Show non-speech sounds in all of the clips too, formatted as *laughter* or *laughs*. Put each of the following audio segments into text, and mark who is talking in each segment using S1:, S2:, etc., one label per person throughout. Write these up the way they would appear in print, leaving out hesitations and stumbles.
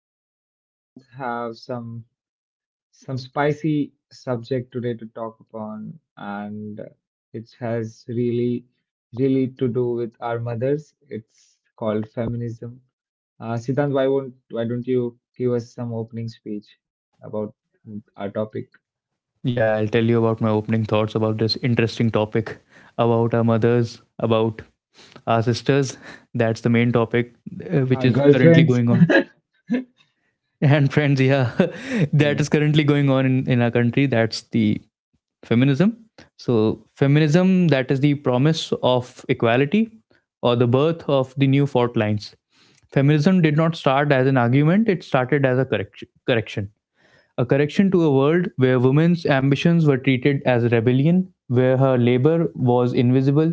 S1: Me and Siddhant have some spicy subject today to talk upon, and it has really, really to do with our mothers. It's called feminism. Siddhant, why don't you give us some opening speech about our topic,
S2: Yeah, I'll tell you about my opening thoughts about this interesting topic about our mothers, about our sisters. That's the main topic which
S1: our
S2: is currently
S1: girlfriends?
S2: going on. *laughs* And friends, yeah, *laughs* that
S1: Yeah.
S2: is currently going on in our country. That's the feminism. So, feminism, that is the promise of equality or the birth of the new fault lines. Feminism did not start as an argument, it started as a correction. A correction to a world where women's ambitions were treated as rebellion, where her labor was invisible,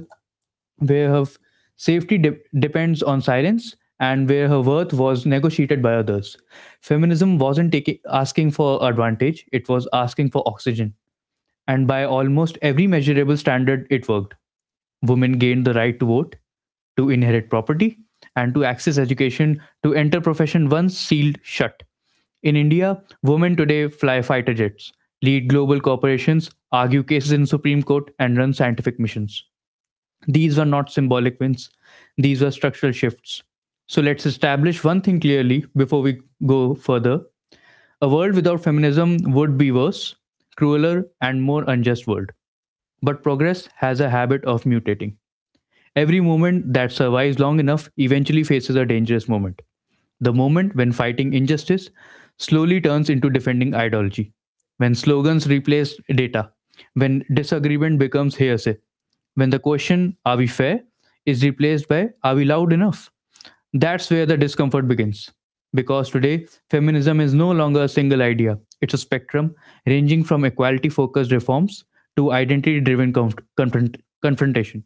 S2: where depends on silence, and where her worth was negotiated by others. Feminism wasn't taking asking for advantage, it was asking for oxygen, and by almost every measurable standard, it worked. Women gained the right to vote, to inherit property, and to access education, to enter profession once sealed shut. In India, women today fly fighter jets, lead global corporations, argue cases in Supreme Court, and run scientific missions. These were not symbolic wins, these were structural shifts. So let's establish one thing clearly before we go further. A world without feminism would be worse, crueler, and more unjust world. But progress has a habit of mutating. Every movement that survives long enough eventually faces a dangerous moment. The moment when fighting injustice slowly turns into defending ideology, when slogans replace data, when disagreement becomes hearsay, when the question, are we fair, is replaced by, are we loud enough? That's where the discomfort begins. Because today, feminism is no longer a single idea, it's a spectrum ranging from equality focused reforms to identity driven confrontation.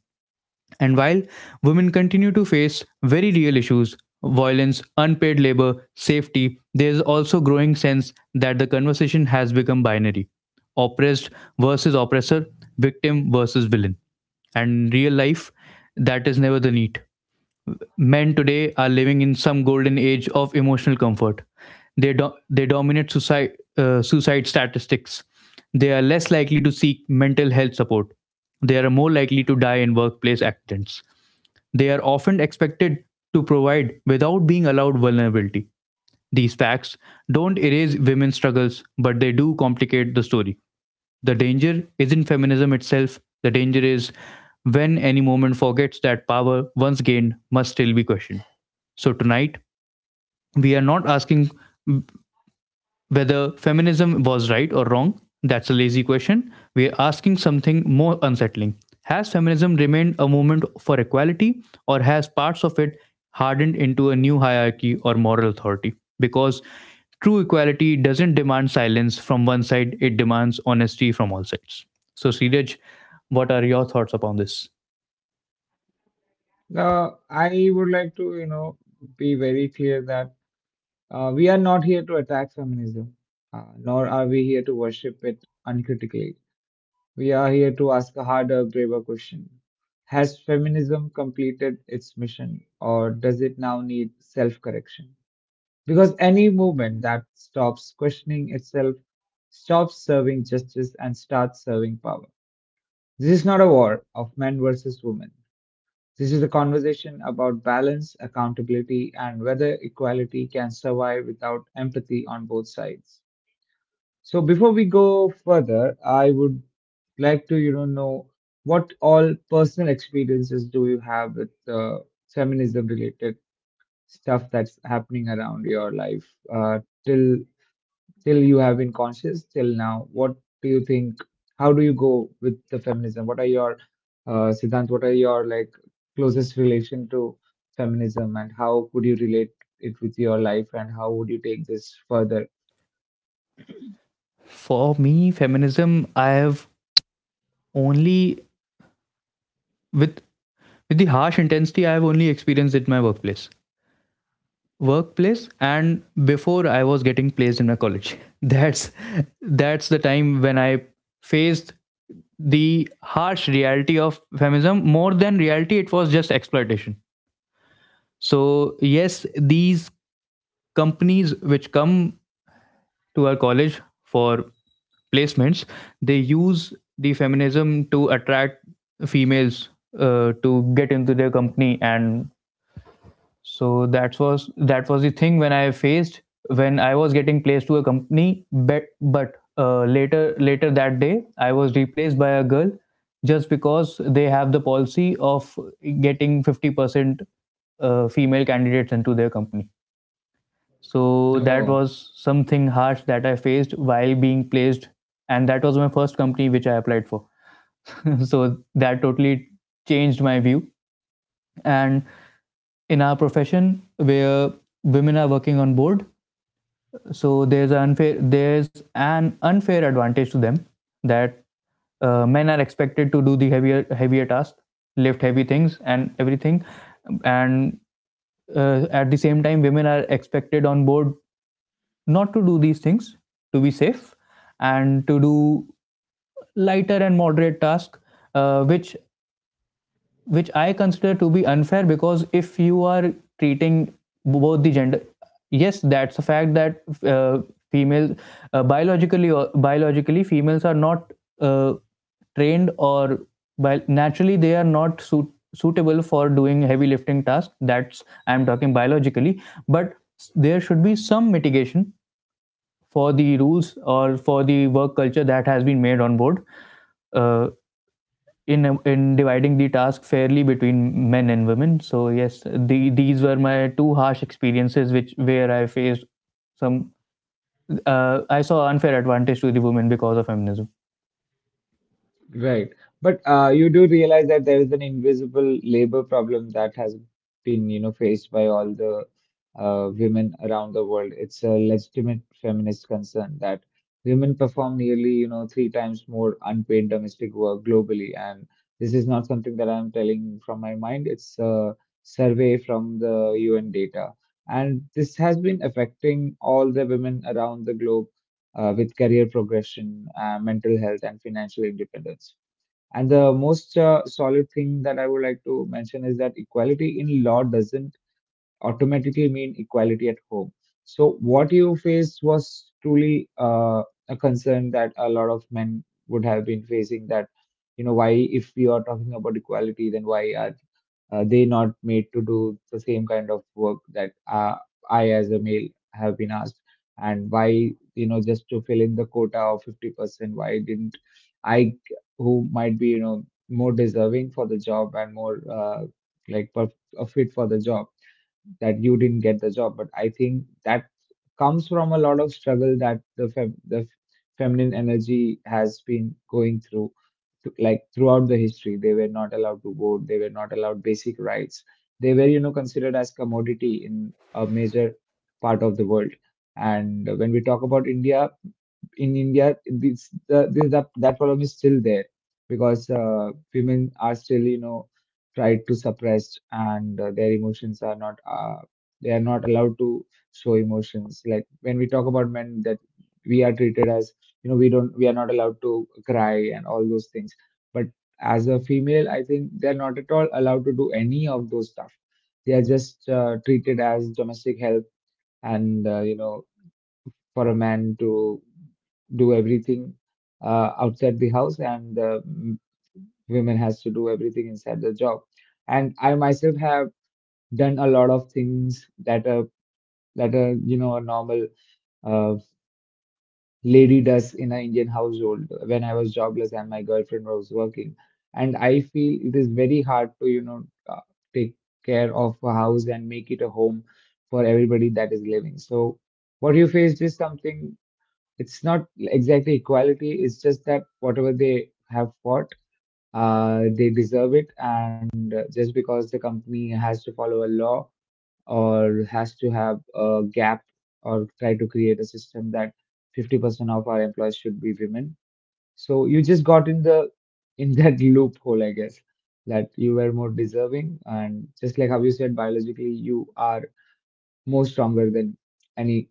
S2: And while women continue to face very real issues, violence, unpaid labor, safety, there is also growing sense that the conversation has become binary. Oppressed versus oppressor, victim versus villain. And in real life, that is never the need. Men today are living in some golden age of emotional comfort. They dominate society suicide statistics. They are less likely to seek mental health support. They are more likely to die in workplace accidents. They are often expected to provide without being allowed vulnerability. These facts don't erase women's struggles, but they do complicate the story. The danger isn't feminism itself, the danger is when any moment forgets that power once gained must still be questioned. So tonight, we are not asking whether feminism was right or wrong, that's a lazy question. We're asking something more unsettling. Has feminism remained a movement for equality, or has parts of it hardened into a new hierarchy or moral authority? Because true equality doesn't demand silence from one side, it demands honesty from all sides. So, Siraj, what are your thoughts upon this?
S1: I would like to, you know, be very clear that we are not here to attack feminism, nor are we here to worship it uncritically. We are here to ask a harder, braver question. Has feminism completed its mission, or does it now need self correction? Because any movement that stops questioning itself stops serving justice and starts serving power. This is not a war of men versus women. This is a conversation about balance, accountability, and whether equality can survive without empathy on both sides. So before we go further, I would like to, you know what all personal experiences do you have with feminism related stuff that's happening around your life uh, till Till you have been conscious till now. What do you think? How do you go with the feminism? What are your, Siddhant, what are your like closest relation to feminism and how could you relate it with your life and how would you take this further?
S2: For me, feminism, I have only, with, with the harsh intensity, I have only experienced it in my workplace. And before I was getting placed in my college, *laughs* that's the time when I faced the harsh reality of feminism. More than reality, it was just exploitation. So yes, these companies which come to our college for placements, they use the feminism to attract females to get into their company. And so that was the thing when I faced, when I was getting placed to a company. But later that day I was replaced by a girl, just because they have the policy of getting 50% female candidates into their company. So that
S1: No.
S2: was something harsh that I faced while being placed. And that was my first company which I applied for. *laughs* So that totally changed my view. And in our profession where women are working on board, so there's an unfair advantage to them, that men are expected to do the heavier tasks, lift heavy things and everything. And at the same time, women are expected on board not to do these things, to be safe, and to do lighter and moderate tasks, uh, which which I consider to be unfair. Because if you are treating both the gender, yes, that's a fact that females biologically females are not uh, trained or naturally, they are not suitable for doing heavy lifting tasks. That's I'm talking biologically. But there should be some mitigation for the rules or for the work culture that has been made on board. Uh, in dividing the task fairly between men and women. So yes, these were my two harsh experiences, which where I faced some, I saw unfair advantage to the women because of feminism.
S1: Right. But you do realize that there is an invisible labor problem that has been, you know, faced by all the women around the world. It's a legitimate feminist concern that women perform nearly, you know, three times more unpaid domestic work globally. And this is not something that I'm telling from my mind. It's a survey from the UN data. And this has been affecting all the women around the globe with career progression, mental health, and financial independence. And the most solid thing that I would like to mention is that equality in law doesn't automatically mean equality at home. So what you faced was truly a concern that a lot of men would have been facing that, you know, why if we are talking about equality, then why are they not made to do the same kind of work that I as a male have been asked? And why, you know, just to fill in the quota of 50%, why didn't I, who might be, you know, more deserving for the job and more like perf- fit for the job that you didn't get the job? But I think that comes from a lot of struggle that the fem- the f- feminine energy has been going through like throughout the history. They were not allowed to vote, they were not allowed basic rights, they were, you know, considered as commodity in a major part of the world. And when we talk about India, this the, that problem is still there because women are still, you know, tried to suppressed and their emotions are not, they are not allowed to show emotions. Like when we talk about men, that we are treated as, you know, we are not allowed to cry and all those things. But as a female, I think they're not at all allowed to do any of those stuff. They are just treated as domestic help and, you know, for a man to do everything outside the house and women has to do everything inside the job. And I myself have done a lot of things that a that a you know a normal uh, lady does in an Indian household when I was jobless and my girlfriend was working. And I feel it is very hard to, you know, uh, take care of a house and make it a home for everybody that is living. So what you faced is something, it's not exactly equality, it's just that whatever they have fought, they deserve it. And just because the company has to follow a law or has to have a gap or try to create a system that 50% of our employees should be women, so you just got in the in that *laughs* loophole, I guess, that you were more deserving. And just like how you said, biologically you are more stronger than any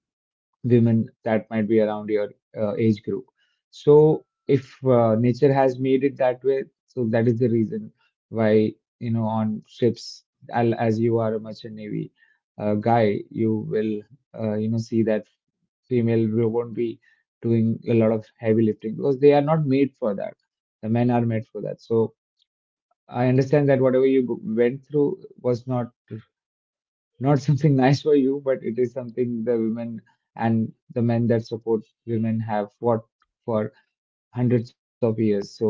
S1: women that might be around your age group. So if nature has made it that way, so that is the reason why, you know, on ships, as you are a merchant navy guy, you will you know see that won't be doing a lot of heavy lifting because they are not made for that. The men are made for that. So I understand that whatever you went through was not something *laughs* nice for you, but it is something the women and the men that support women have fought for hundreds of years. So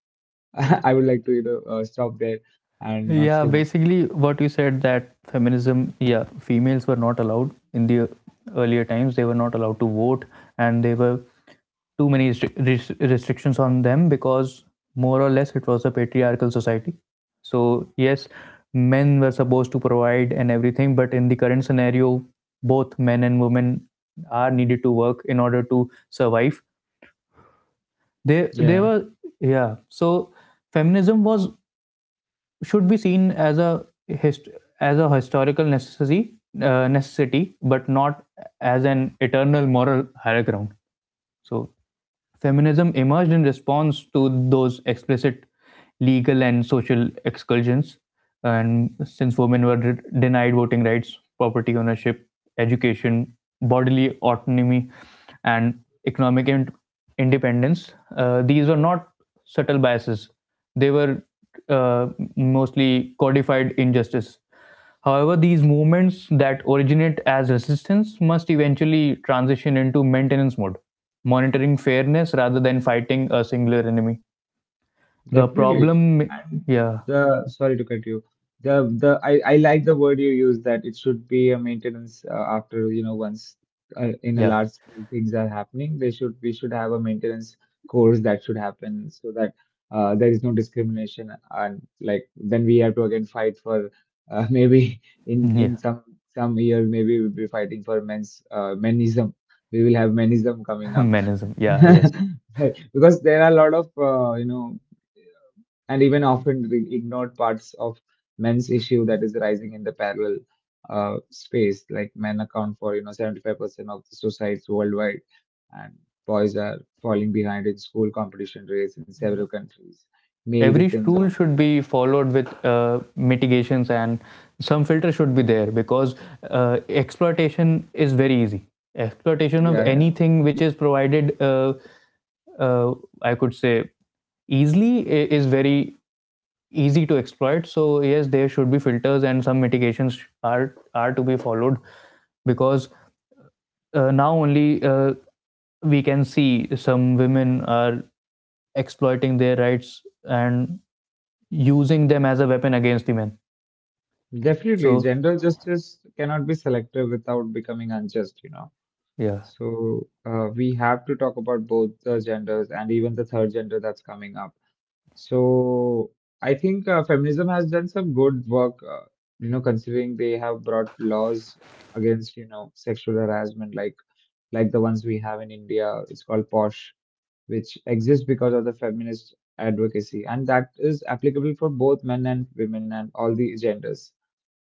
S1: *laughs* I would like to, you know, stop there and not
S2: Yeah,
S1: say much.
S2: basically what you said, that feminism, yeah, females were not allowed in the earlier times. They were not allowed to vote, and there were too many restrictions on them, because more or less it was a patriarchal society. So yes, men were supposed to provide and everything, but in the current scenario, both men and women are needed to work in order to survive. They they
S1: Yeah.
S2: were yeah. So feminism was should be seen as a hist- as a historical necessity, necessity, but not as an eternal moral higher ground. So feminism emerged in response to those explicit legal and social exclusions, and since women were denied voting rights, property ownership, education, bodily autonomy, and economic in- independence, these were not subtle biases. They were uh, mostly codified injustice. However, these movements that originate as resistance must eventually transition into maintenance mode, monitoring fairness rather than fighting a singular enemy. The
S1: Definitely.
S2: problem,
S1: And
S2: yeah,
S1: the sorry to cut you. The I like the word you use that it should be a maintenance. After, you know, once in a
S2: yeah,
S1: large scale things are happening, they should we should have a maintenance course that should happen so that there is no discrimination, and like then we have to again fight for, *laughs* maybe in
S2: yeah,
S1: some year maybe we'll be fighting for men's menism. We will have menism coming
S2: *laughs*
S1: up.
S2: menism,
S1: *laughs*
S2: yeah, yes.
S1: Right. Because there are a lot of, you know, and even often ignored parts of men's issue that is rising in the parallel space. Like men account for, you know, 75% of the suicides worldwide, and boys are falling behind in school competition rates in several countries. Male
S2: Every
S1: victims of,
S2: rule should be followed with mitigations, and some filter should be there, because exploitation is very easy. Exploitation of
S1: yeah, yeah,
S2: anything which is provided, uh, I could say easily, is very easy to exploit. So yes, there should be filters and some mitigations are to be followed, because now only, we can see some women are exploiting their rights and using them as a weapon against the men.
S1: definitely.
S2: So
S1: Gender justice cannot be selective without becoming unjust, you know.
S2: yeah,
S1: So we have to talk about both the genders and even the third gender that's coming up. So I think feminism has done some good work, you know, considering they have brought laws against, you know, sexual harassment, like the ones we have in India. It's called POSH, which exists because of the feminist advocacy, and that is applicable for both men and women and all the genders.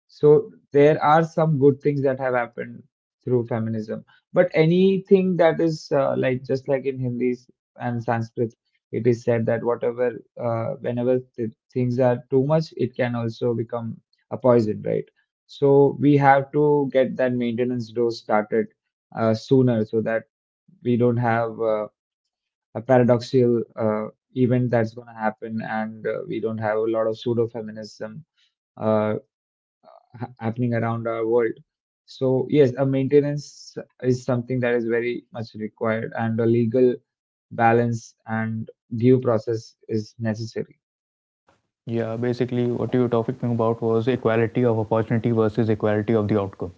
S1: So there are some good things that have happened through feminism, but anything that is like just like in Hindi and Sanskrit, it is said that whatever, whenever things are too much, it can also become a poison, right? So we have to get that maintenance dose started sooner so that we don't have a paradoxical event that's going to happen, and we don't have a lot of pseudo feminism happening around our world. So yes, a maintenance is something that is very much required, and a legal balance and due process is necessary.
S2: yeah. Basically, what you were talking about was equality of opportunity versus equality of the outcome.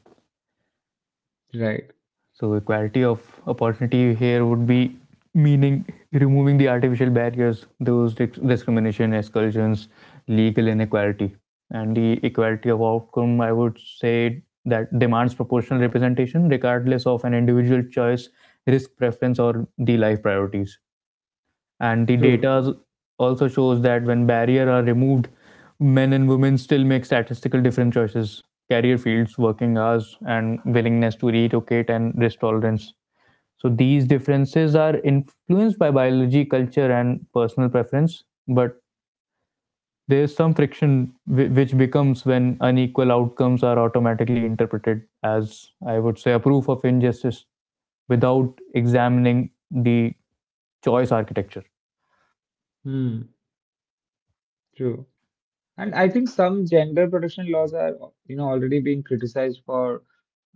S1: Right.
S2: So equality of opportunity here would be meaning removing the artificial barriers, those discrimination, exclusions, legal inequality, and the equality of outcome. I would say that demands proportional representation, regardless of an individual choice, risk preference, or the life priorities. And the
S1: True. True.
S2: data also shows that when barriers are removed, men and women still make statistical different choices, career fields, working hours, and willingness to relocate and risk tolerance. So these differences are influenced by biology, culture, and personal preference. But there is some friction which becomes when unequal outcomes are automatically interpreted as, I would say, a proof of injustice, without examining the choice architecture.
S1: Hmm. True. And I think some gender protection laws are, you know, already being criticized for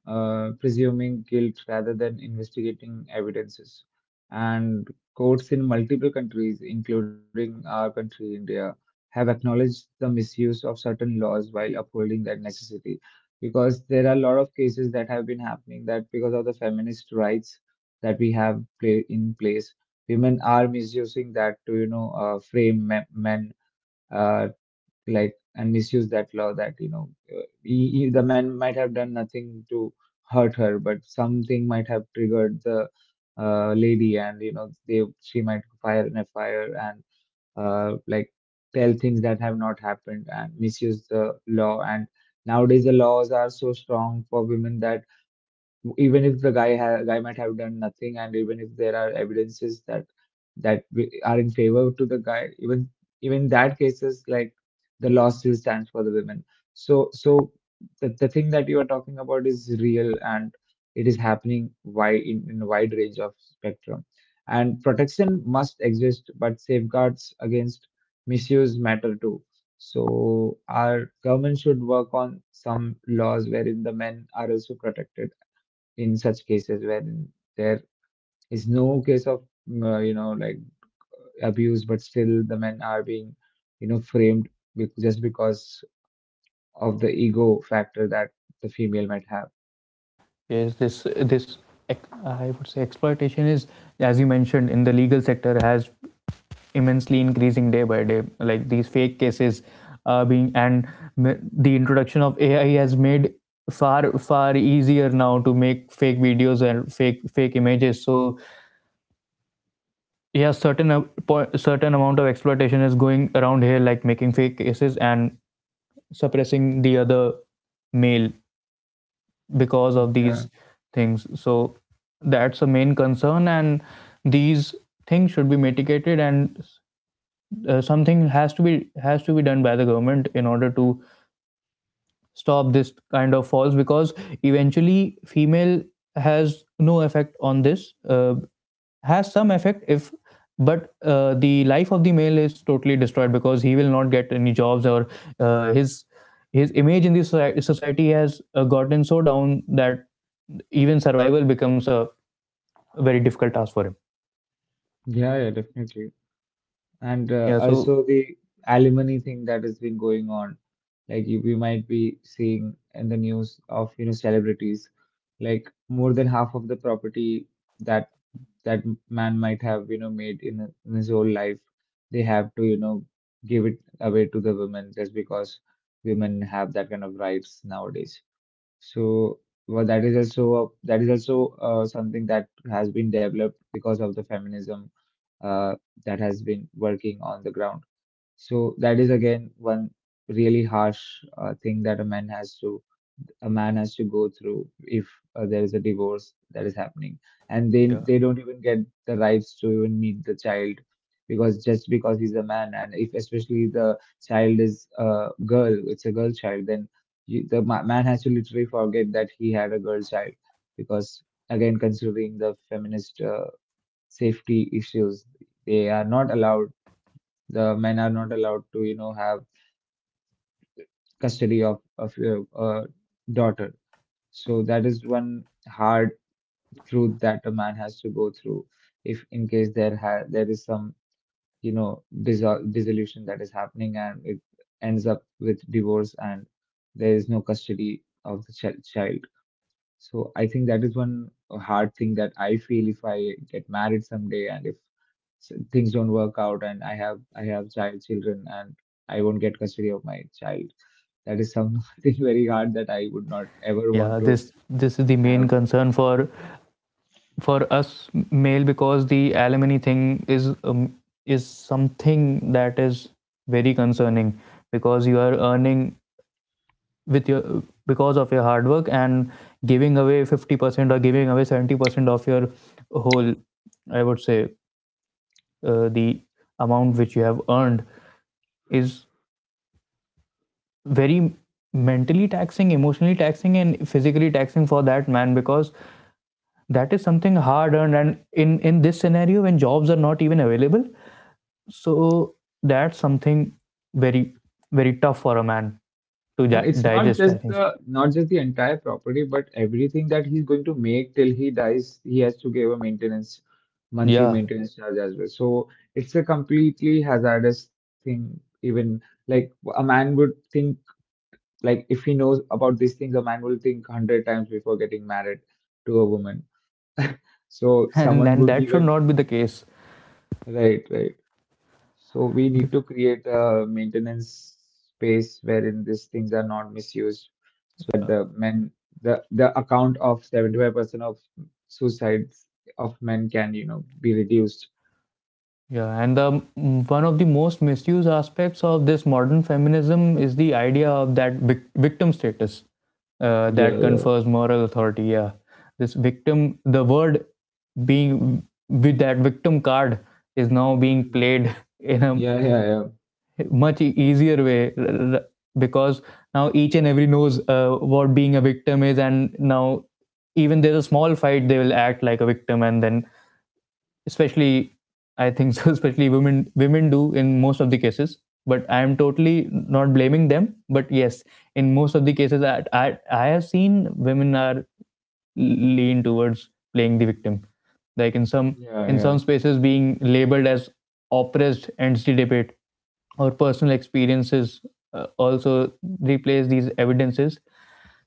S1: presuming guilt rather than investigating evidences. And courts in multiple countries, including our country, India, have acknowledged the misuse of certain laws while upholding that necessity. Because there are a lot of cases that have been happening that because of the feminist rights that we have play in place, women are misusing that to, you know, frame men. Uh, like and misuse that law that you know the man might have done nothing to hurt her, but something might have triggered the lady. And you know they she might fire in a fire and like tell things that have not happened and misuse the law. And nowadays the laws are so strong for women that even if the guy might have done nothing, and even if there are evidences that we are in favor to the guy, even even that cases, like the law still stands for the women. So the thing that you are talking about is real and it is happening wide in a wide range of spectrum. And protection must exist, but safeguards against misuse matter too. So our government should work on some laws wherein the men are also protected in such cases where there is no case of you know like abuse, but still the men are being, you know, framed just because of the ego factor that the female might have.
S2: Yes, this I would say exploitation is, as you mentioned, in the legal sector has immensely increasing day by day. Like these fake cases, being and the introduction of AI has made far easier now to make fake videos and fake images. So yeah, certain amount of exploitation is going around here, like making fake cases and suppressing the other male because of
S1: Yeah,
S2: these things. So that's a main concern, and these things should be mitigated, and something has to be done by the government in order to stop this kind of falls. Because eventually female has no effect on this, has some effect if, but the life of the male is totally destroyed, because he will not get any jobs or uh, his his image in the society has gotten so down that even survival becomes a very difficult task for him.
S1: yeah, yeah, definitely. And
S2: Yeah, so
S1: also the alimony thing that has been going on. Like you, we might be seeing in the news of, celebrities, like more than half of the property that that man might have, made in his whole life, they have to, give it away to the women just because women have that kind of rights nowadays. So, that is also that is also something that has been developed because of the feminism uh, that has been working on the ground. So that is again one really harsh thing that a man has to go through if there is a divorce that is happening and they
S2: yeah,
S1: they don't even get the rights to even meet the child because just because he's a man, and if especially the child is a girl, it's a girl child, then man has to literally forget that he had a girl child because again considering the feminist safety issues. They are not allowed. The men are not allowed to, have custody of your daughter. So that is one hard truth that a man has to go through if in case there is some, you know, dissolution that is happening and it ends up with divorce and there is no custody of the child. So I think that is one hard thing that I feel if I get married someday and if things don't work out and I have children, and I won't get custody of my child. That is something *laughs* very hard that I would not ever want
S2: yeah,
S1: to
S2: this is the main
S1: have.
S2: concern for us male, because the alimony thing is um, is something that is very concerning. Because you are earning with your, because of your hard work, and giving away 50% or giving away 70% of your whole, I would say, the amount which you have earned, is very mentally taxing, emotionally taxing, and physically taxing for that man. Because that is something hard earned, and in this scenario when jobs are not even available. So that's something very very tough for a man to
S1: And it's
S2: digest, I think so.
S1: not just the entire property, but everything that he's going to make till he dies. He has to give a maintenance, monthly
S2: Yeah.
S1: maintenance charge as well. So it's a completely hazardous thing. Even, like, a man would think, like, if he knows about these things, a man will think hundred times before getting married to a woman. So
S2: *laughs* and
S1: someone
S2: and
S1: would
S2: that should
S1: even,
S2: not be the case.
S1: right, right. So we need to create a maintenance space wherein these things are not misused so that the men, the account of 75% of suicides of men can, you know, be reduced.
S2: Yeah, and one of the most misused aspects of this modern feminism is the idea of that victim status,
S1: Yeah,
S2: that
S1: yeah.
S2: confers moral authority. Yeah, this victim, the word being with that victim card is now being
S1: Mm.
S2: played *laughs* in a
S1: Yeah, yeah, yeah.
S2: much easier way because now each and every knows what being a victim is, and now even there's a small fight, they will act like a victim. And then especially, I think so, *laughs* especially women do in most of the cases, but I am totally not blaming them. But yes, in most of the cases I have seen women are lean towards playing the victim, like in some
S1: Yeah,
S2: in some
S1: yeah.
S2: spaces being labeled as oppressed ends the debate, or personal experiences also replace these evidences.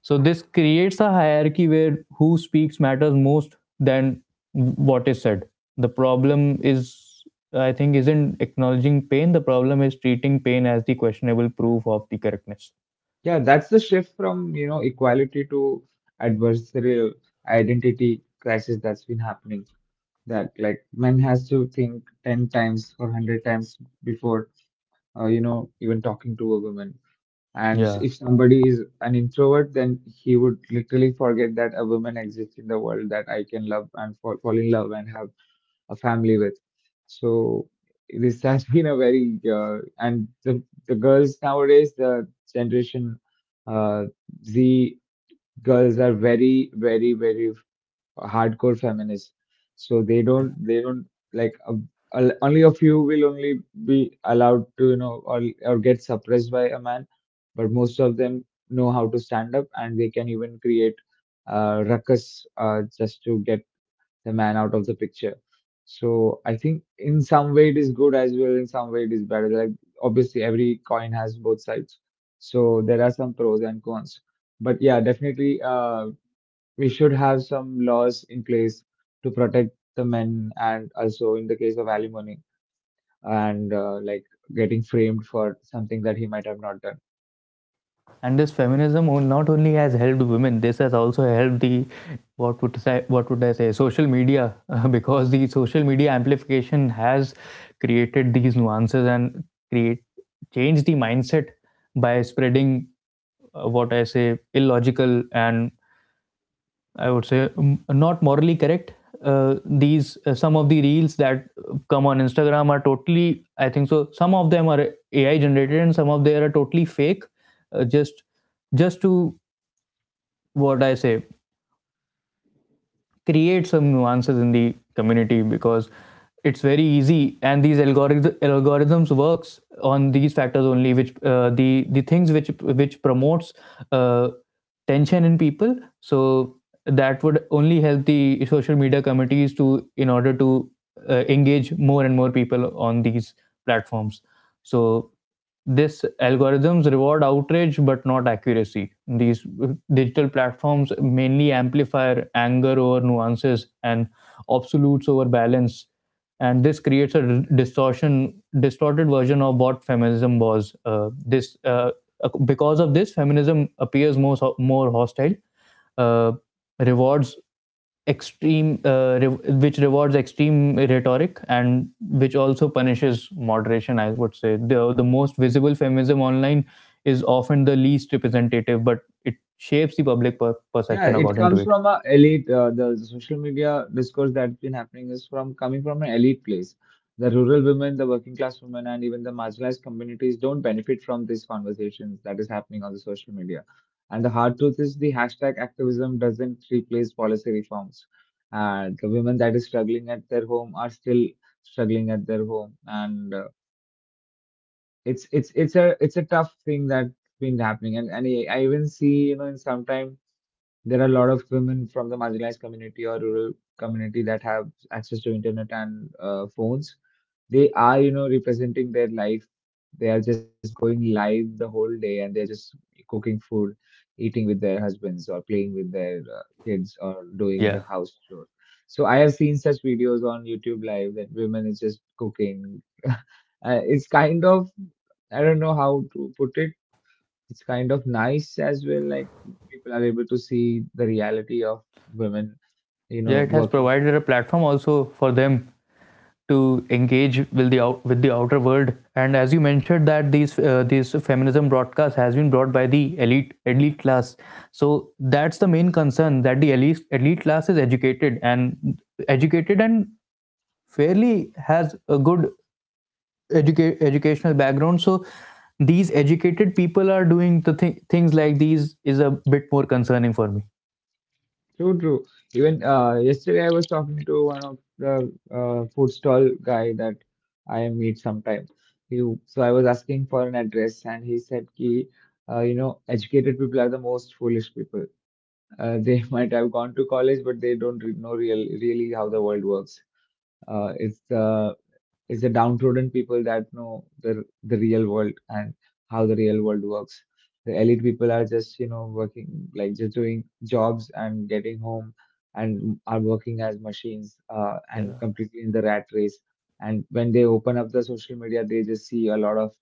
S2: So this creates a hierarchy where who speaks matters most than what is said. The problem is, I think, isn't acknowledging pain. The problem is treating pain as the questionable proof of the correctness.
S1: Yeah, that's the shift from, you know, equality to adversarial identity crisis that's been happening. That, like, man has to think 10 times or 100 times before, you know, even talking to a woman. And
S2: Yeah.
S1: if somebody is an introvert, then he would literally forget that a woman exists in the world, that I can love and fall in love and have a family with. So this *laughs* has been a very the girls nowadays, the generation uh, z girls, are very, very, very hardcore feminists. So they don't like, only a few will only be allowed to, you know, or get suppressed by a man, but most of them know how to stand up, and they can even create ruckus just to get the man out of the picture. So I think in some way it is good as well, in some way it is bad. Like, obviously every coin has both sides, so there are some pros and cons. But yeah, definitely we should have some laws in place to protect the men and also in the case of alimony and, like, getting framed for something that he might have not done.
S2: And this feminism not only has helped women, this has also helped the what would I say, social media. *laughs* Because the social media amplification has created these nuances and create change the mindset by spreading what I say, illogical and I would say, not morally correct. These some of the reels that come on Instagram are totally, I think so, some of them are AI generated, and some of them are totally fake. Uh, just, just to, what I say, create some nuances in the community, because it's very easy. And these algorithms works on these factors only, which the things which promotes uh, tension in people. So that would only help the social media committees to, in order to, engage more and more people on these platforms. So this algorithms reward outrage but not accuracy. These digital platforms mainly amplify anger over nuances and absolutes over balance, and this creates a distortion distorted version of what feminism was. This Because of this, feminism appears more hostile, uh, rewards extreme, uh, re- which rewards extreme rhetoric and which also punishes moderation. I would say the most visible feminism online is often the least representative, but it shapes the public
S1: Yeah,
S2: perception
S1: it but
S2: according to
S1: comes
S2: it.
S1: from a elite. The social media discourse that's been happening is from coming from an elite place. The rural women, the working class women, and even the marginalized communities don't benefit from these conversations that is happening on the social media. And the hard truth is the hashtag activism doesn't replace policy reforms. And the women that is struggling at their home are still struggling at their home, and it's a tough thing that's been happening. And I even see, you know, in sometime there are a lot of women from the marginalized community or rural community that have access to internet and phones. They are, you know, representing their life. They are just going live the whole day, and they're just cooking food, eating with their husbands or playing with their kids or doing the
S2: Yeah,
S1: house chores. So I have seen such videos on YouTube live that women is just cooking. *laughs* It's kind of, I don't know how to put it, it's kind of nice as well. Like, people are able to see the reality of women, you
S2: yeah,
S1: know,
S2: it has
S1: working.
S2: provided a platform also for them to engage with the outer world. And as you mentioned, that these feminism broadcast has been brought by the elite class. So that's the main concern, that the elite class is educated and fairly has a good educational background. So these educated people are doing the things like these is a bit more concerning for me.
S1: True, true. Even, yesterday I was talking to one of the food stall guy that I meet sometime. He, so I was asking for an address, and he said ki, you know, educated people are the most foolish people. They *laughs* might have gone to college, but they don't know really how the world works. uh, it's the It's the downtrodden people that know the real world and how the real world works. The elite people are just, you know, working, like just doing jobs and getting home, and are working as machines and
S2: Yeah.
S1: completely in the rat race. And when they open up the social media, they just see a lot of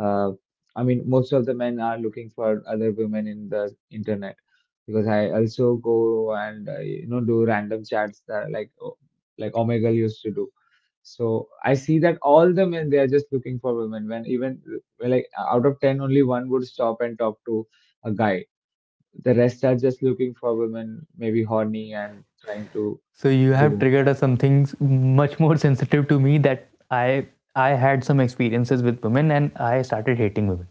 S1: uh, I mean, most of the men are looking for other women in the internet. Because I also go and, you know, do random chats, that like like Omegle used to do. So I see that all the men, they are just looking for women. When even, like, out of ten, only one would stop and talk to a guy. The rest are just looking for women, maybe horny and trying to
S2: So you have
S1: do.
S2: triggered us some things much more *laughs* sensitive to me, that I had some experiences with women and I started hating women.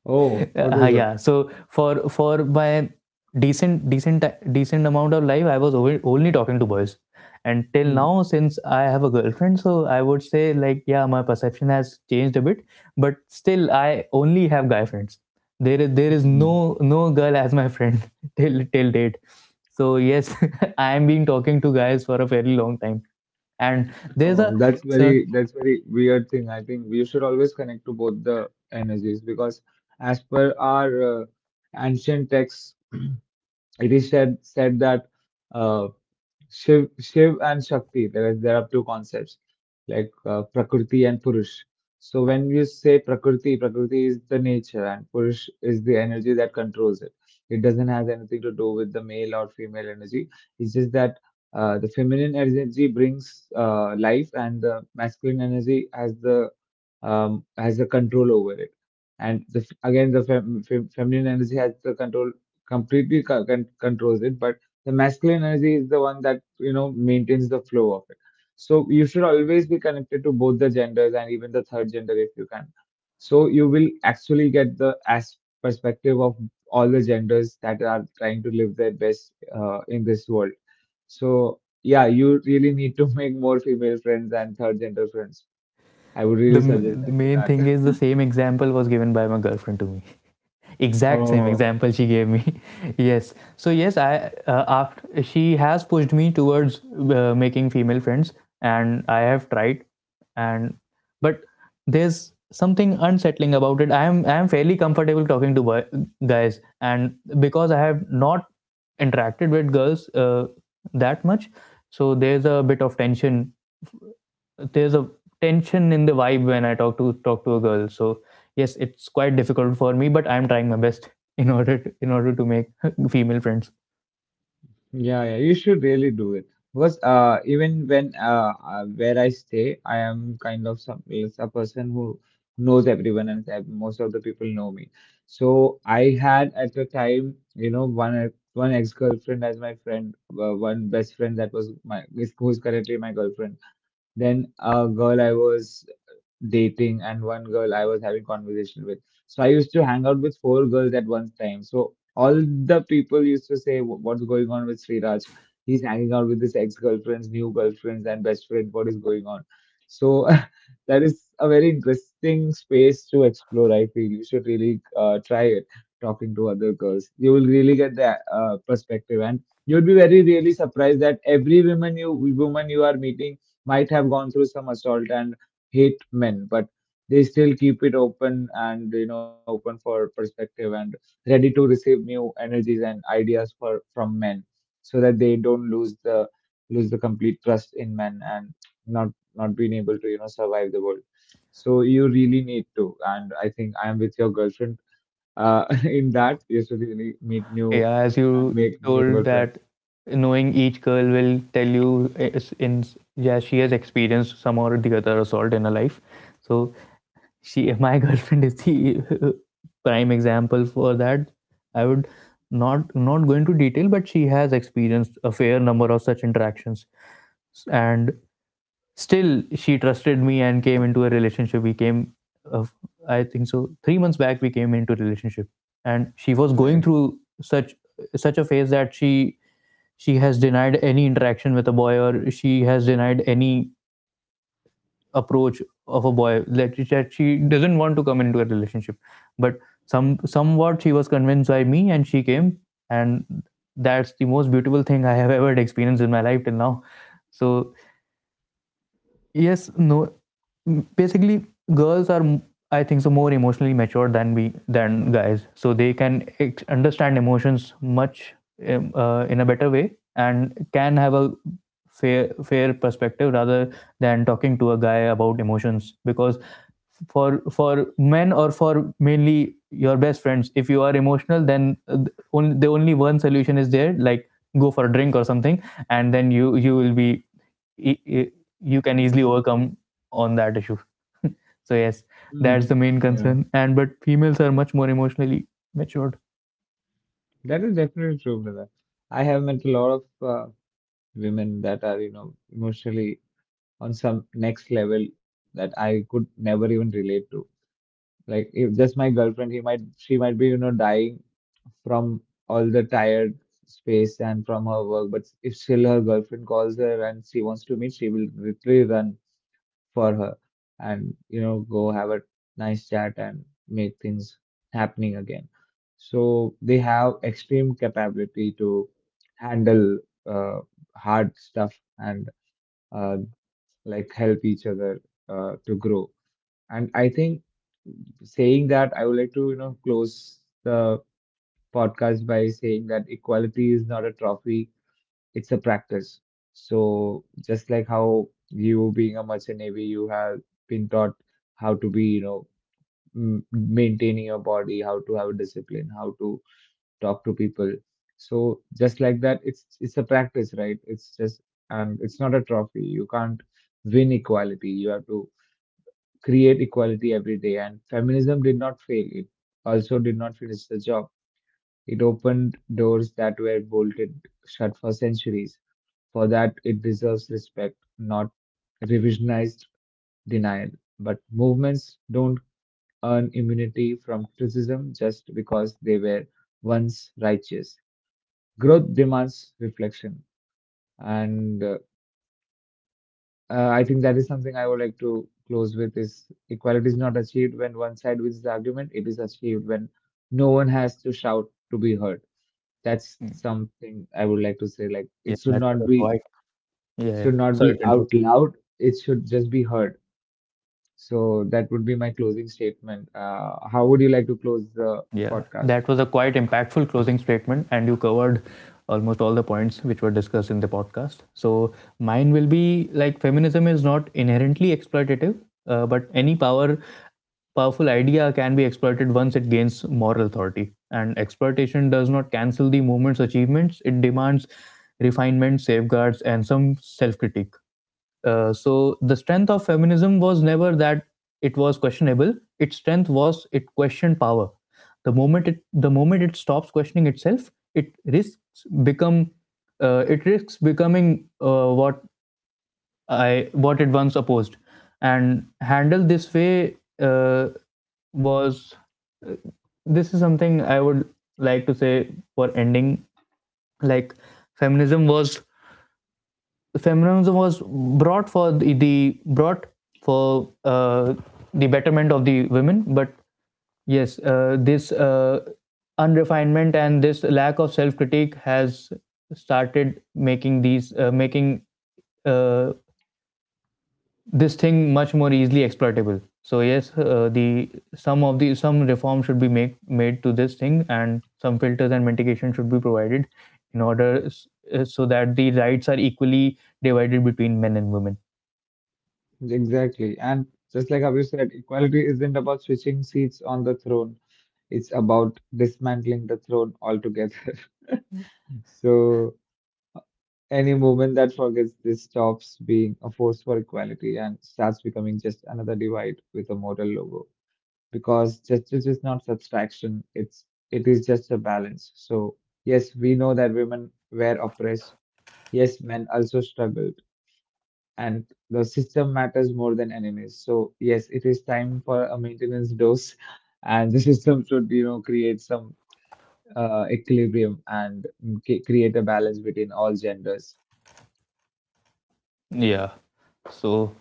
S1: Oh, what was it?
S2: Yeah, so for my decent decent decent amount of life, I was only talking to boys. And till
S1: Hmm.
S2: now, since I have a girlfriend, so I would say like, yeah, my perception has changed a bit. But still, I only have guy friends. There is
S1: Hmm.
S2: no no girl as my friend, *laughs* till till date. So yes, *laughs* I am being talking to guys for a fairly long time, and there's
S1: Oh,
S2: a,
S1: that's
S2: so
S1: very, that's very weird thing. I think we should always connect to both the energies because as per our ancient texts, *clears throat* it is said that uh, Shiv and Shakti. There are two concepts like, Prakriti and Purush. So when you say Prakriti, Prakriti is the nature and Purush is the energy that controls it. It doesn't have anything to do with the male or female energy. It's just that the feminine energy brings life, and the masculine energy has the control over it. And the, f- again, the fem, fem, feminine energy has the control, completely controls it, but the masculine energy is the one that, you know, maintains the flow of it. So you should always be connected to both the genders and even the third gender if you can. So you will actually get the as perspective of all the genders that are trying to live their best in this world. So yeah, you really need to *laughs* make more female friends and third gender friends. I would really suggest
S2: the
S1: that to
S2: main
S1: that.
S2: thing is, the
S1: *laughs*
S2: same example was given by my girlfriend to me. Exact same
S1: Oh.
S2: example she gave me. *laughs* Yes, so yes, I, after she has pushed me towards making female friends, and I have tried, and but there's something unsettling about it. I am, I am fairly comfortable talking to guys, and because I have not interacted with girls, that much. So there's a bit of tension, there's a tension in the vibe when I talk to talk to a girl. So yes, it's quite difficult for me, but I'm trying my best *laughs* in order to make *laughs* female friends.
S1: Yeah, yeah, you should really do it because even when where I stay, I am kind of some is a person who knows everyone, and most of the people know me. So I had at the time, you know, one ex-girlfriend as my friend, one best friend that was who's currently my girlfriend. Then a girl I was dating and one girl I was having conversation with. So I used to hang out with four girls at one time. So all the people used to say, "What's going on with Sriraj? He's hanging out with his ex-girlfriends, new girlfriends, and best friend. What is going on?" So *laughs* that is a very interesting space to explore. I feel you should really try it. Talking to other girls, you will really get the perspective, and you'd be very really surprised that every woman you are meeting might have gone through some assault and hate men, but they still keep it open, and, you know, open for perspective and ready to receive new energies and ideas for from men, so that they don't lose the complete trust in men and not not being able to, you know, survive the world. So you really need to, and I think I am with your girlfriend uh *laughs* in that you should really meet new
S2: Yeah, as
S1: and
S2: you
S1: make new
S2: told
S1: girlfriends.
S2: that, knowing each girl will tell you is- in yeah, she has experienced some or the other assault in her life. So she, my *laughs* girlfriend is the *laughs* prime example for that. I would not not go into detail, but she has experienced a fair number of such interactions. And still she trusted me and came into a relationship. We came, uh, I think so, 3 months back, we came into a relationship. And she was going
S1: Right.
S2: through such such a phase, that she has denied any interaction with a boy, or she has denied any approach of a boy, that she doesn't want to come into a relationship. But some, somewhat she was convinced by me and she came. And that's the most beautiful thing I have ever experienced in my life till now. So yes, no, basically, girls are I think so more emotionally mature than we than guys. So they can understand emotions much, in a better way, and can have a fair fair perspective rather than talking to a guy about emotions. Because for men, or for mainly your best friends, if you are emotional, then only the only one solution is there, like, go for a drink or something, and then you will be e- e- you can easily overcome on that issue. So yes, that's
S1: Mm,
S2: the main
S1: yeah,
S2: concern. And but females are much more emotionally matured.
S1: that is definitely true, brother. I have met a lot of women that are, you know, emotionally on some next level that I could never even relate to. Like, if just my girlfriend, she might be, you know, dying from all the tired space and from her work. But if still her girlfriend calls her and she wants to meet, she will literally run for her and, you know, go have a nice chat and make things happening again. So they have extreme capability to handle uh, hard stuff and uh, like help each other to grow. And I think saying that, I would like to, you know, close the podcast by saying that equality is not a trophy, it's a practice. So just like how you being a merchant navy, you have been taught how to be, you know, maintaining your body, how to have a discipline, how to talk to people. So just like that, it's a practice, right? It's just, and it's not a trophy. You can't win equality. You have to create equality every day. And feminism did not fail. It also did not finish the job. It opened doors that were bolted shut for centuries. For that, it deserves respect, not revisionized denial. But movements don't earn immunity from criticism just because they were once righteous. Growth demands reflection. And I think that is something I would like to close with is equality is not achieved when one side wins the argument. It is achieved when no one has to shout to be heard. That's something I would like to say. Like,
S2: Yeah,
S1: it should
S2: that's what
S1: not
S2: I
S1: be,
S2: thought. Yeah,
S1: it
S2: yeah,
S1: should not
S2: sorry
S1: be
S2: to interrupt.
S1: out loud, it should just be heard. So that would be my closing statement. How would you like to close the
S2: Yeah,
S1: podcast?
S2: that was a quite impactful closing statement, and you covered almost all the points which were discussed in the podcast. So mine will be like, feminism is not inherently exploitative, but any powerful idea can be exploited once it gains moral authority. And exploitation does not cancel the movement's achievements, it demands refinement, safeguards, and some self critique. So the strength of feminism was never that it was questionable. Its strength was it questioned power. The moment it stops questioning itself, it risks become it risks becoming what it once opposed. And handled this way, uh, was uh, this is something I would like to say for ending. Like, feminism was, brought for the betterment of the women, but yes, this unrefinement and this lack of self critique has started making these making uh, this thing much more easily exploitable. So yes, the some of the some reform should be made to this thing, and some filters and mitigation should be provided in order, so that the rights are equally divided between men and women.
S1: Exactly. And just like Abhi said, equality isn't about switching seats on the throne. It's about dismantling the throne altogether. *laughs* So, any movement that forgets this stops being a force for equality and starts becoming just another divide with a moral logo. Because justice is not subtraction, it is just a balance. So yes, we know that women were oppressed. Yes, men also struggled. And the system matters more than enemies. So yes, it is time for a maintenance dose, and the *laughs* system should, you know, create some equilibrium and create a balance between all genders.
S2: Yeah. So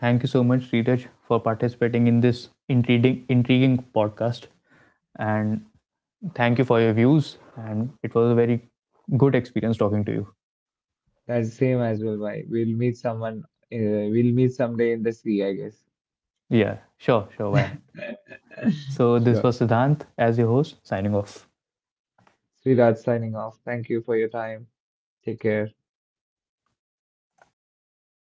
S2: thank you so much, Ritesh, for participating in this intriguing podcast. And thank you for your views. And it was a very good experience talking to you.
S1: That's the same as well. Why we'll meet someone, we'll meet someday in the sea, I guess.
S2: Yeah, sure, sure, why not?
S1: *laughs*
S2: So this
S1: Sure.
S2: was Siddhant as your host, signing off.
S1: Sridhar signing off. Thank you for your time. Take care.